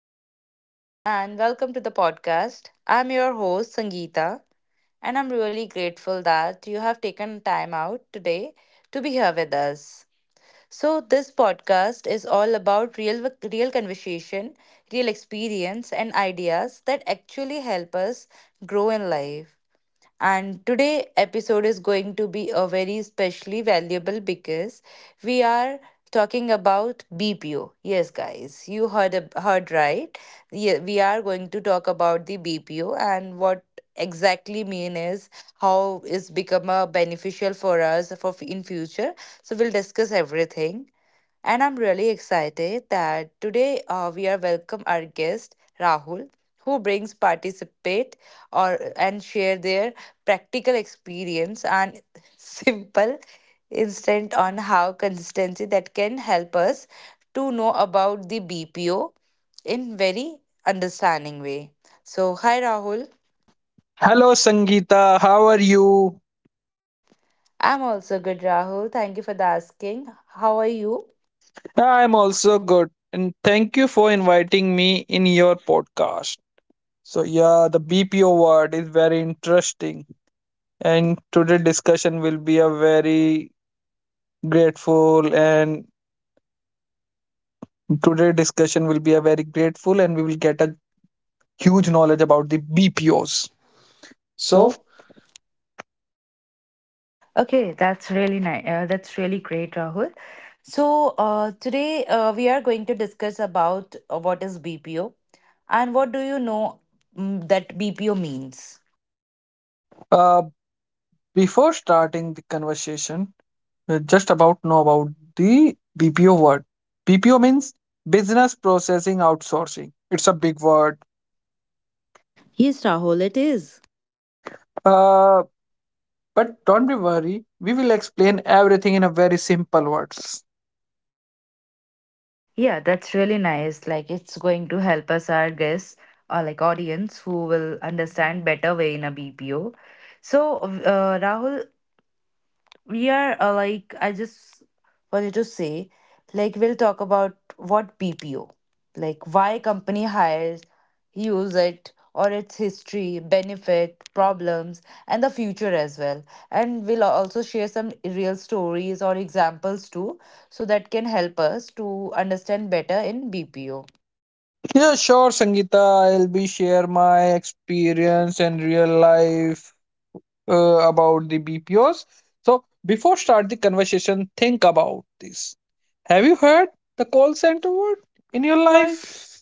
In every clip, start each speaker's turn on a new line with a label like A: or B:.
A: Hello, everyone, and welcome to the podcast. I'm your host, Sangeeta, and I'm really grateful that you have taken time out today to be here with us. So, this podcast is all about real conversation, real experience, and ideas that actually help us grow in life, and today episode is going to be a very specially valuable because we are talking about BPO. Yes guys, you heard heard right. Yeah, we are going to talk about the BPO and what exactly mean is how is become a beneficial for us for in future, so we'll discuss everything. And I'm really excited that today we are welcome our guest Rahul, who brings participate or and share their practical experience and simple instant on how consistency that can help us to know about the BPO in very understanding way. So hi Rahul.
B: Hello, Sangeeta. How are you?
A: I'm also good Rahul. Thank you for the asking. How are you?
B: I'm also good. And thank you for inviting me in your podcast. So, yeah, the BPO word is very interesting. And today discussion will be a very grateful and Today discussion will be a very grateful and we will get a huge knowledge about the BPOs. So,
A: Okay, that's really nice. That's really great, Rahul. So today we are going to discuss about what is BPO and what do you know that BPO means.
B: uh, before starting the conversation, just about know about the BPO word. BPO means business processing outsourcing. It's a big word.
A: Yes, Rahul, it is.
B: Uh, but don't be worried. We will explain everything in a very simple words.
A: Yeah, that's really nice. Like it's going to help us our guests or like audience who will understand better way in a BPO. So Rahul, we are like I just wanted to say like we'll talk about what bpo, like why company hires, use it, or its history, benefit, problems, and the future as well, and we'll also share some real stories or examples too so that can help us to understand better in bpo.
B: Yeah, sure, Sangeeta. I'll be share my experience and real life about the BPOs. So before start the conversation, think about this. Have you heard the call center word in
A: In
B: your
A: your life.
B: life?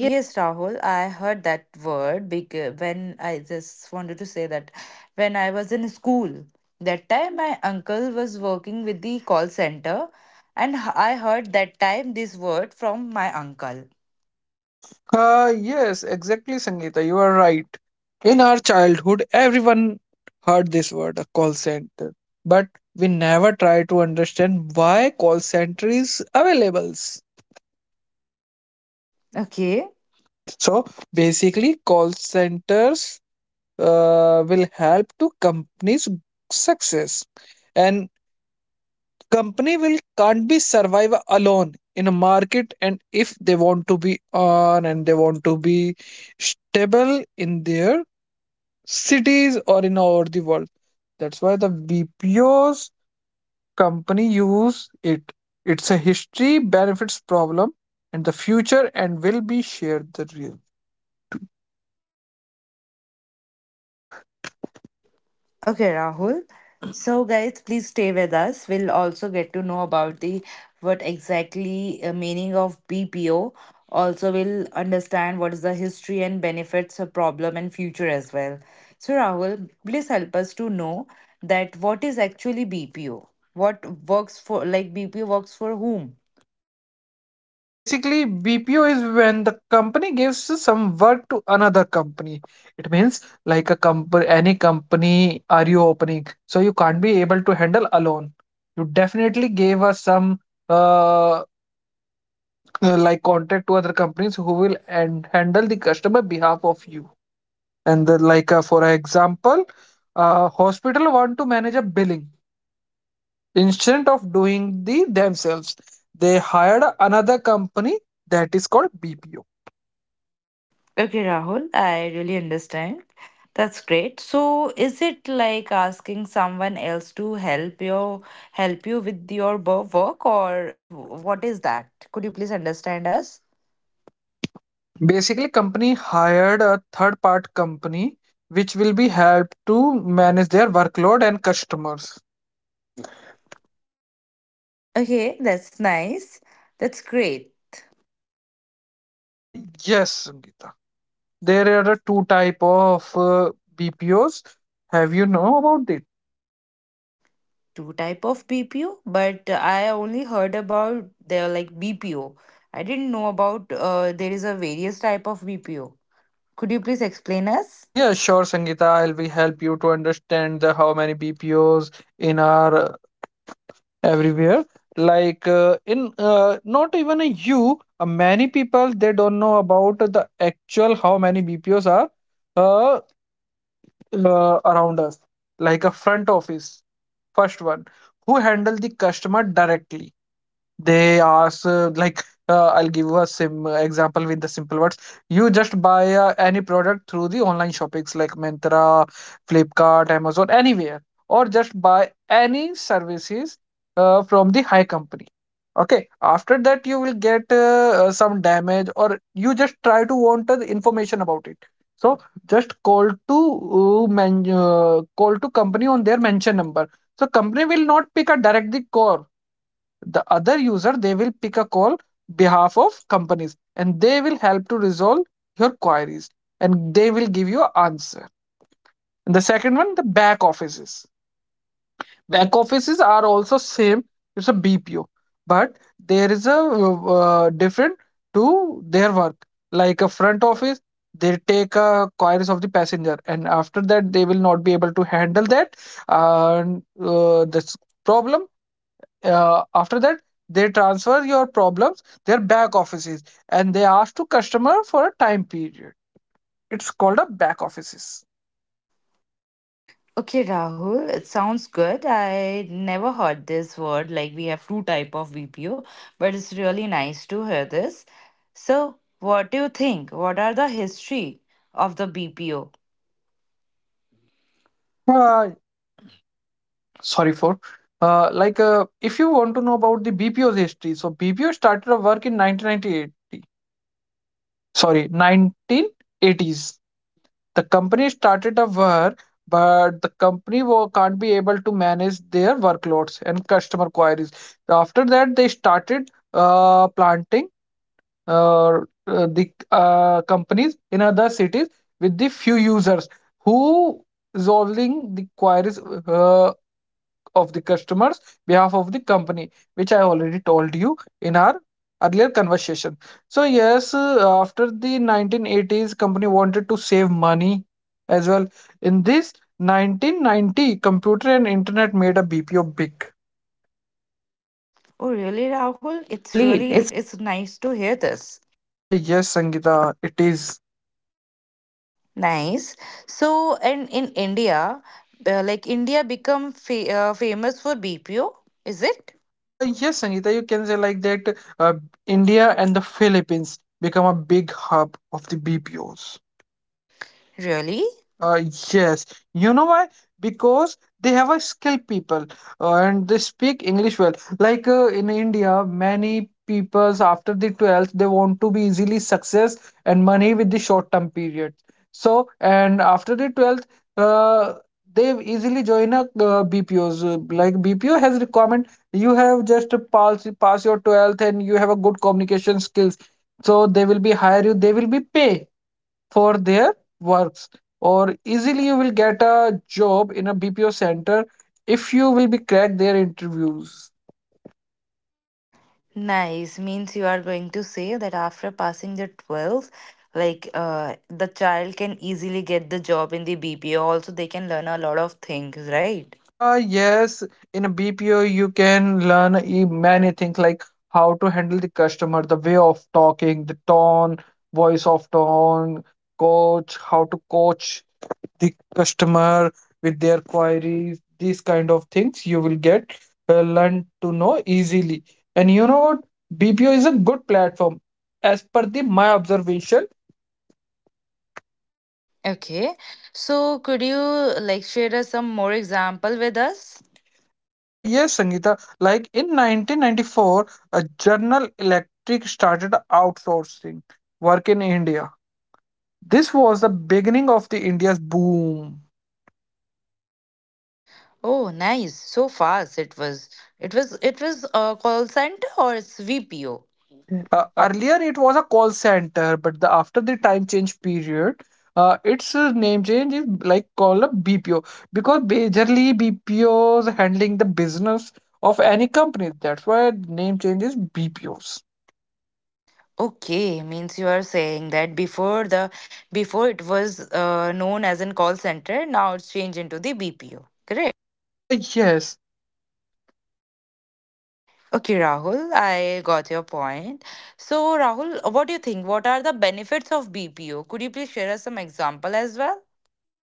A: Yes, Rahul, I heard that word because when I just wanted to say that when I was in school, that time my uncle was working with the call center, and I heard that time this word from my uncle.
B: Yes, exactly, Sangeeta. You are right. In our childhood, everyone heard this word, a call center, but we never try to understand why call center is available.
A: Okay.
B: So basically, call centers will help to companies success, and company will can't be survive alone in a market. And if they want to be on and they want to be stable in their cities or in all the world. That's why the BPO's company use it. It's a history benefits problem and the future and will be shared the real.
A: Okay, Rahul. So, guys, please stay with us. We'll also get to know about the what exactly meaning of BPO. Also, we'll understand what is the history and benefits, a problem, and future as well. So, Rahul, please help us to know that what is actually BPO. What works for, like, BPO works for whom?
B: So basically, BPO is when the company gives some work to another company. It means like a company, any company are you opening, so you can't be able to handle alone. You definitely gave us some uh, like contact to other companies who will and handle the customer behalf of you and the, like for example hospital want to manage a billing instead of doing the themselves, they hired another company that is called BPO.
A: Okay, Rahul, I really understand. That's great. So, is it like asking someone else to help your, help you with your work, or it, what is that? Could you please understand us?
B: Basically company hired a third part company which will be helped to manage their workload and customers.
A: Okay, that's nice. That's great.
B: uh, yes, Sangeeta. There are two type of BPOs. Have you know about it?
A: Two type of BPO, but I only heard about they're like BPO. I didn't know about there is a various type of BPO. Could you please explain us?
B: Yeah, sure, Sangeeta. I'll be help you to understand the how many BPOs in our everywhere. Like in not even a you, many people they don't know about the actual how many BPOs are uh, around us. Like a front office, first one who handle the customer directly. They ask, I'll give you a sim example with the simple words. You just buy any product through the online shoppings like Myntra, Flipkart, Amazon, anywhere, or just buy any services from the high company. Okay, after that, you will get some damage, or you just try to want the information about it. So just call to call to company on their mention number. So company will not pick a directly call. The other user they will pick a call behalf of companies and they will help to resolve your queries, and they will give you an answer. And the second one, the back offices. Back offices are also same. It's a BPO, but there is a different to their work. Like a front office, they take queries of the passenger, and after that they will not be able to handle that. And this problem, after that they transfer your problems their back offices, and they ask to customer for a time period. It's called a back offices.
A: Okay, Rahul, it sounds good. I never heard this word. Like we have two type of BPO, but it's really nice to hear this. So, what do you think? What are the history of the BPO?
B: uh, Sorry for if you want to know about the BPO's history, so BPO started a work in 1998, sorry, 1980s. The company started a work, but the company can't be able to manage their workloads and customer queries. After that, they started planting uh, the companies in other cities with the few users who resolving the queries uh, of the customers behalf of the company, which I already told you in our earlier conversation. So yes, after the 1980s, company wanted to save money as well. In this 1990, computer and internet made a BPO big.
A: Oh, really, Rahul?
B: It's
A: It's
B: really,
A: really
B: it's
A: it's nice to hear this.
B: Ah, yes, Sangeeta, it is.
A: Nice. So, and in India, like India become famous for BPO, is it?
B: Yes, Sangeeta, you can say like that. India and the Philippines become a big hub of the BPOs.
A: Really?
B: Uh, yes, you know why? Because they have a skilled people and they speak English well. Like in India, many peoples after the 12th they want to be easily success and money with the short term period. So and after the 12th, uh, they easily join a BPOs. Like BPO has requirement, you have just to pass your 12th and you have a good communication skills. So they will be hire you. They will be pay for their works, or easily you will get a job in a BPO center if you will be crack their interviews.
A: Nice. Means you are going to say that after passing the 12th, like the child can easily get the job in the BPO. Also, they can learn a lot of things, right?
B: Yes, in a BPO you can learn many things like how to handle the customer, the way of talking, the tone, voice of tone, coach, how to coach the customer with their queries. These kind of things you will get learn to know easily. And you know what, BPO is a good platform as per the my observation.
A: Okay. So, could you like share us some more example with us?
B: Yes, Sangeeta, like in 1994 a General Electric started outsourcing work in India. This was the beginning of the India's boom.
A: Oh, nice. So fast it was. It was, it was a call center or it's VPO?
B: Earlier, it was a call center, but the, after the time change period, its name change is like called a BPO because majorly BPOs handling the business of any company. That's why name change is BPOs.
A: Okay, means you are saying that before the before it was known as a call center, now it's changed into the BPO, correct?
B: Yes.
A: Okay, Rahul, I got your point. So, Rahul, what do you think? What are the benefits of BPO? Could you please share us some example as well?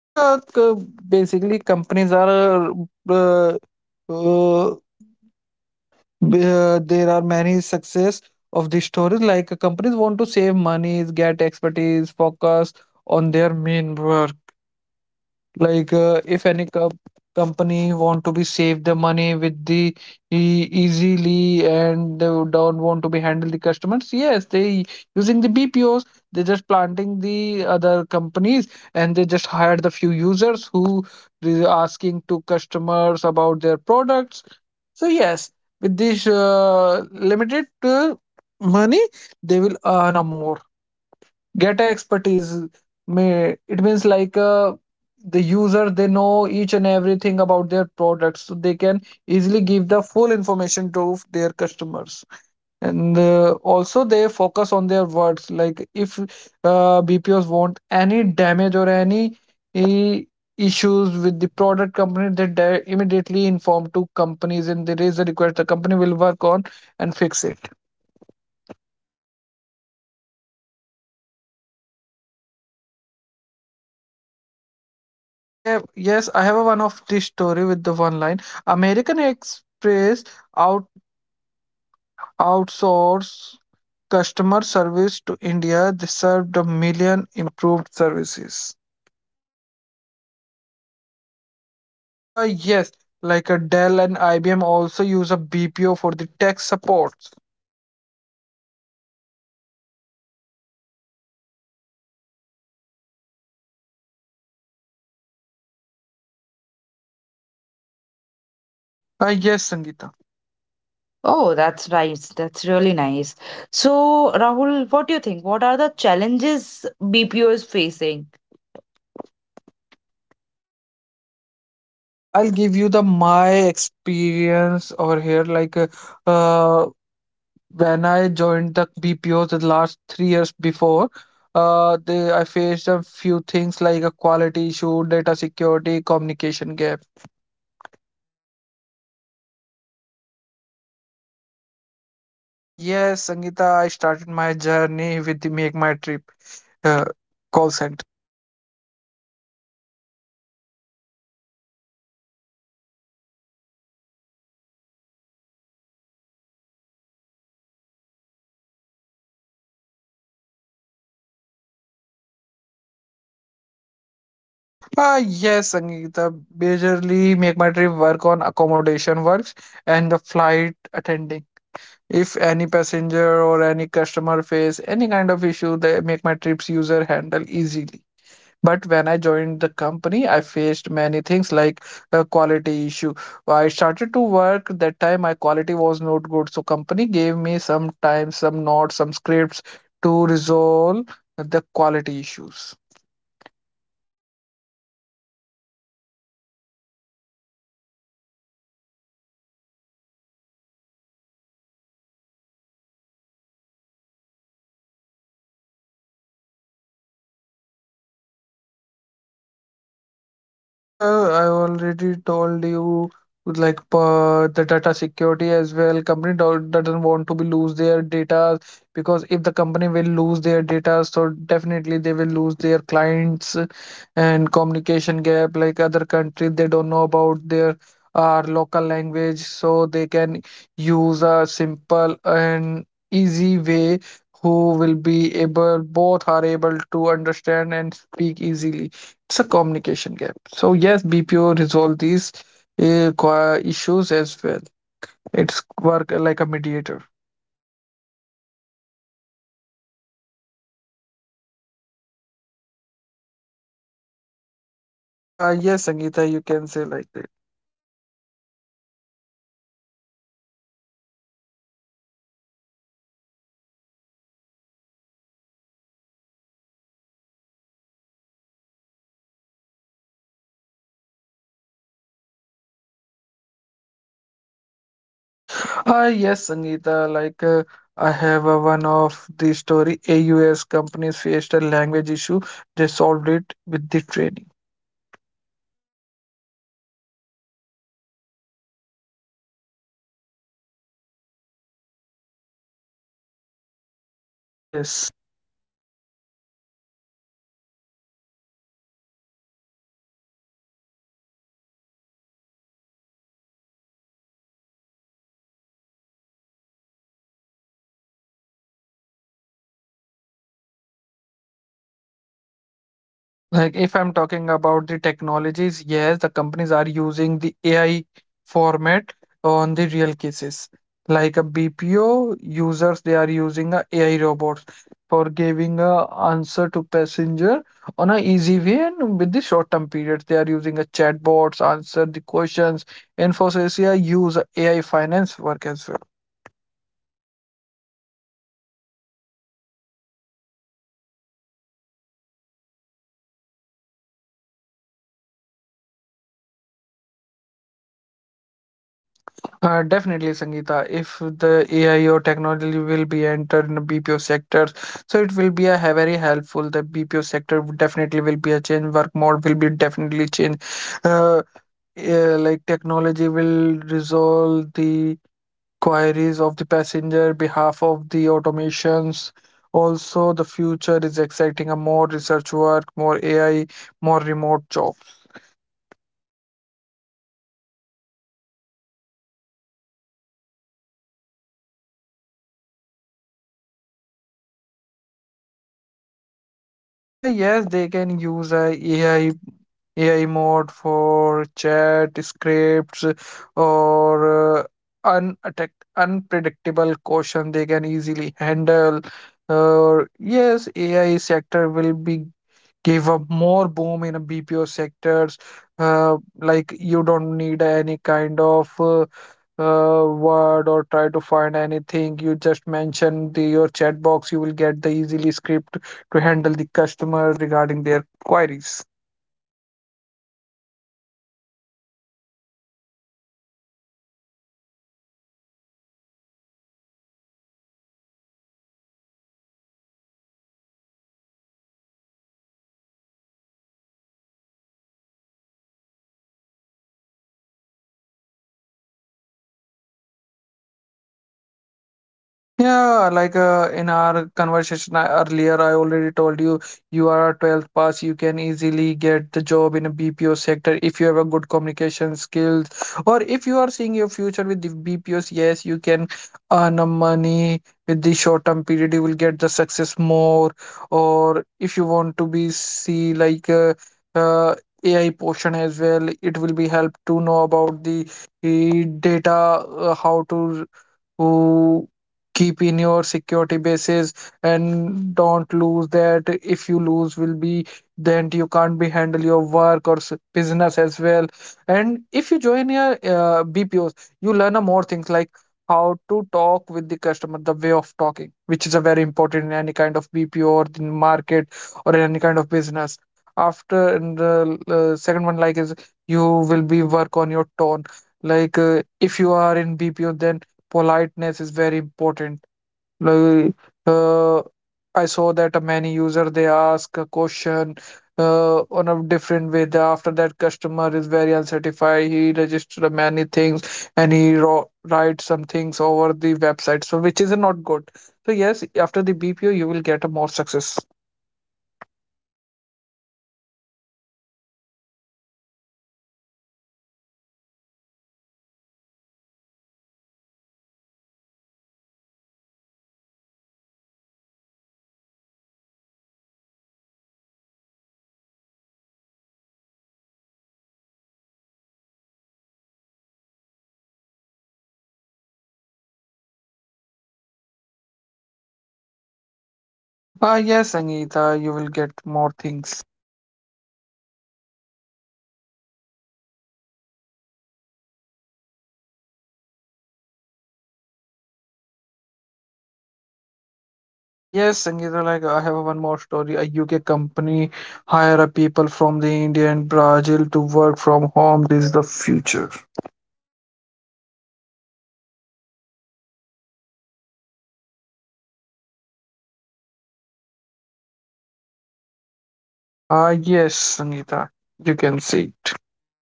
B: Yeah, basically companies are uh, uh, there are many success of the stories like companies want to save money, get expertise, focus on their main work. Like if any company want to be save the money with the easily, and they don't want to be handle the customers. Yes, they using the BPOs. They just planting the other companies, and they just hire the few users who is asking to customers about their products. So yes, with this limited money they will earn a more, get a expertise. May it means like the user they know each and everything about their products, so they can easily give the full information to their customers. And also they focus on their words. Like if BPOs want any damage or any i- issues with the product company, they immediately inform to companies and they raise the request. The company will work on and fix it.
A: Okay, that's really nice. Do we have any other example?
B: Yeah, yes, I have a one of this story with the one line. American Express out outsourced customer service to India. They served a million improved services.
A: Oh, nice.
B: Yes, like a Dell and IBM also use a BPO for the tech support.
A: Oh, really? Like you are saying that it, not only big companies, even the like technical support companies also investing in BPO. Am I right?
B: Yes, Sangeeta. Oh,
A: Oh,
B: that's
A: that's
B: nice.
A: nice.
B: That's
A: That's
B: really
A: really
B: nice.
A: nice.
B: So,
A: So, Rahul,
B: Rahul, what
A: what
B: do
A: do
B: you
A: you
B: think?
A: think?
B: What
A: What
B: are
A: are
B: the
A: the
B: challenges
A: challenges
B: BPO
A: BPO
B: is
A: is
B: facing?
A: facing?
B: I'll give you the my experience over here. Like uh, when I joined the BPO the last 3 years before, they I faced a few things like a quality issue, data security, communication gap.
A: Oh, really? You also had a like you had a work with the BPO.
B: Ah, yes, Sangeeta, I started my journey with the Make My Trip uh, call center.
A: Make my trip. You mean to say that who's like uh or like servicing like provide the services regarding the travel and the packages or also the accommodation. Am I correct?
B: Ah, yes, Sangeeta, majorly Make My Trip work on accommodation works and the flight attending. If any passenger or any customer face any kind of issue, they make my trips user handle easily. But when I joined the company, I faced many things like a quality issue. I started to work that time my quality was not good, so company gave me some time, some notes, some scripts to resolve the quality issues.
A: Oh, Ra- that's really nice, Rahul. It's like listening away sounds good. So, yes, please share us some like example to us, like how challenges is going to be faced in BPO. You can share your example as well.
B: Yeah, I already told you like the data security as well. Company doesn't want to be lose their data, because if the company will lose their data, so definitely they will lose their clients. And communication gap. Like other country, they don't know about their our local language, so they can use a simple and easy way. Who will be able, both are able to understand and speak easily. It's a communication gap. So yes, BPO resolve these issues as well. It's work like a mediator.
A: Oh, nice. You meant to say that language barrier is also challenging part for the BPO, correct?
B: Yes, Sangeeta, you can say like that.
A: Yeah, that is why we also saw like in India, I even I also saw like where I'm traveling, I just saw that there are some few institutes are open for the languages course. So that is going to help the BPO sector, am I correct?
B: Yes, Sangeeta, like I have a one of the story. AUS companies faced a language issue. They solved it with the training.
A: Means you are saying not only the like institute, also company also giving the training for the languages, correct?
B: Yes.
A: That sounds really good. So, Rahul, what do you think? What are the technology used in the BPO? Means, as you mentioned that before that you have already worked with the BPO. Which kind of like technology you guys have in like used?
B: Like if I'm talking about the technologies, yes, the companies are using the AI format on the real cases. Like a BPO users, they are using a AI robots for giving a answer to passenger on a easy way and with the short term periods. They are using a chatbots, answer the questions. Infosys, yeah, use AI finance work as well.
A: Nice, really nice. So, Rahul, tell me one thing. Like after coming the technologies in BPO sector, so the job will be the same or like it is going to be changed?
B: Definitely, Sangeeta. If the AI or technology will be entered in the BPO sectors, so it will be a very helpful. The BPO sector would definitely will be a change. Work mode will be definitely change. Uh, like technology will resolve the queries of the passenger behalf of the automations. Also, the future is exciting. A more research work, more AI, more remote job.
A: Really nice. Means you are going to say after coming to technologies and BPO, people are going to be very smart. They are doing smart work, right?
B: Ah, yes, they can use a AI mode for chat scripts or unattack, unpredictable caution they can easily handle. Or yes, AI sector will be give up more boom in a BPO sectors. Like you don't need any kind of word or try to find anything. You just mention the your chat box. You will get the easily script to handle the customer regarding their queries.
A: That's really nice. Means after talking with you, I just thought like BPO is really helpful for us. That's nice. So Rahul, what do you think? What are the future for the BPO? Like in if anyone is joining the BPO, what is their future or like what is the future of BPO? Could you please explain us?
B: Yeah, like in our conversation earlier, I already told you, you are a 12th pass. You can easily get the job in a BPO sector if you have a good communication skills, or if you are seeing your future with the BPOs. Yes, you can earn a money with the short term period. You will get the success more, or if you want to be see like uh, AI portion as well, it will be help to know about the data, how to who keep in your security bases and don't lose that. If you lose will be, then you can't be handle your work or business as well. And if you join your BPOs, you learn a more things like how to talk with the customer, the way of talking, which is a very important in any kind of BPO or the market or in any kind of business. After, and the second one like is you will be work on your tone. Like if you are in BPO then politeness is very important. Like uh, I saw that a many user they ask a question on a different way. After that customer is very unsatisfied, he registered many things, and he writes some things over the website, so which is not good. So yes, after the BPO you will get a more success.
A: Okay, Rahul, I got it. Means, in short, you are going to say that if anyone wants to work with the BPO, they should have a good patience. They should have a good communication skills, and they also need a fluent English, right? So that he can deal with the passenger or customer or passenger with the polite nature and give a proper appropriate solution. Correct?
B: Yes, Anita, you will get more things.
A: That's really nice. Means like our youngsters can make a future in the BPO sector so that they can like get a success easily, correct?
B: Ah, yes, Sangeeta, like I have one more story. A UK company hire a people from the India and Brazil to work from home. This is the future.
A: Think means not even the India. We can start work with the like out of the India as well. So it's really nice the future, yeah.
B: Ah, yes, Sangeeta, you can see it.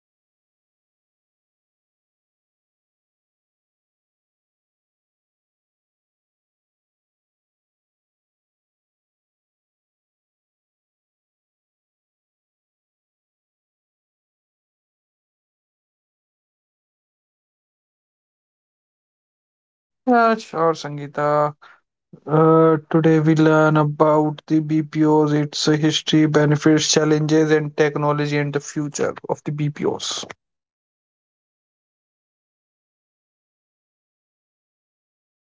A: That's really nice. So, thank you, Rahul, to coming with our podcast. It's really nice to talk with you, and also we got to know about the BPO, the future, and the technologies and the challenges. We all talk all about it. So, thank you, Rahul, to understand better for us.
B: Yeah, sure, Sangeeta. Today we learn about the BPOs, its history, benefits, challenges, and technology, and the future of the BPOs.
A: Yeah, that's I agree. I hope like our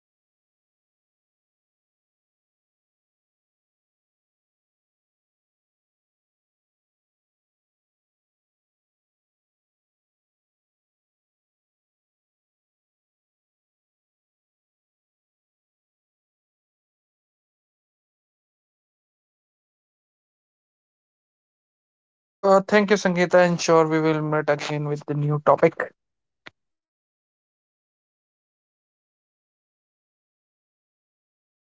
A: also audience also like got a better understand about the bpo. So thank you so much guys for listening. If you like this podcast, kindly share it and follow us. And thank you so much Rahul, uh, to be with us for this podcast, and we will meet again with another podcast, broadcast. Thank you Rahul.
B: Thank you, Sangeeta, and sure we will meet again with the new topic.
A: Sure, thank you, bye bye.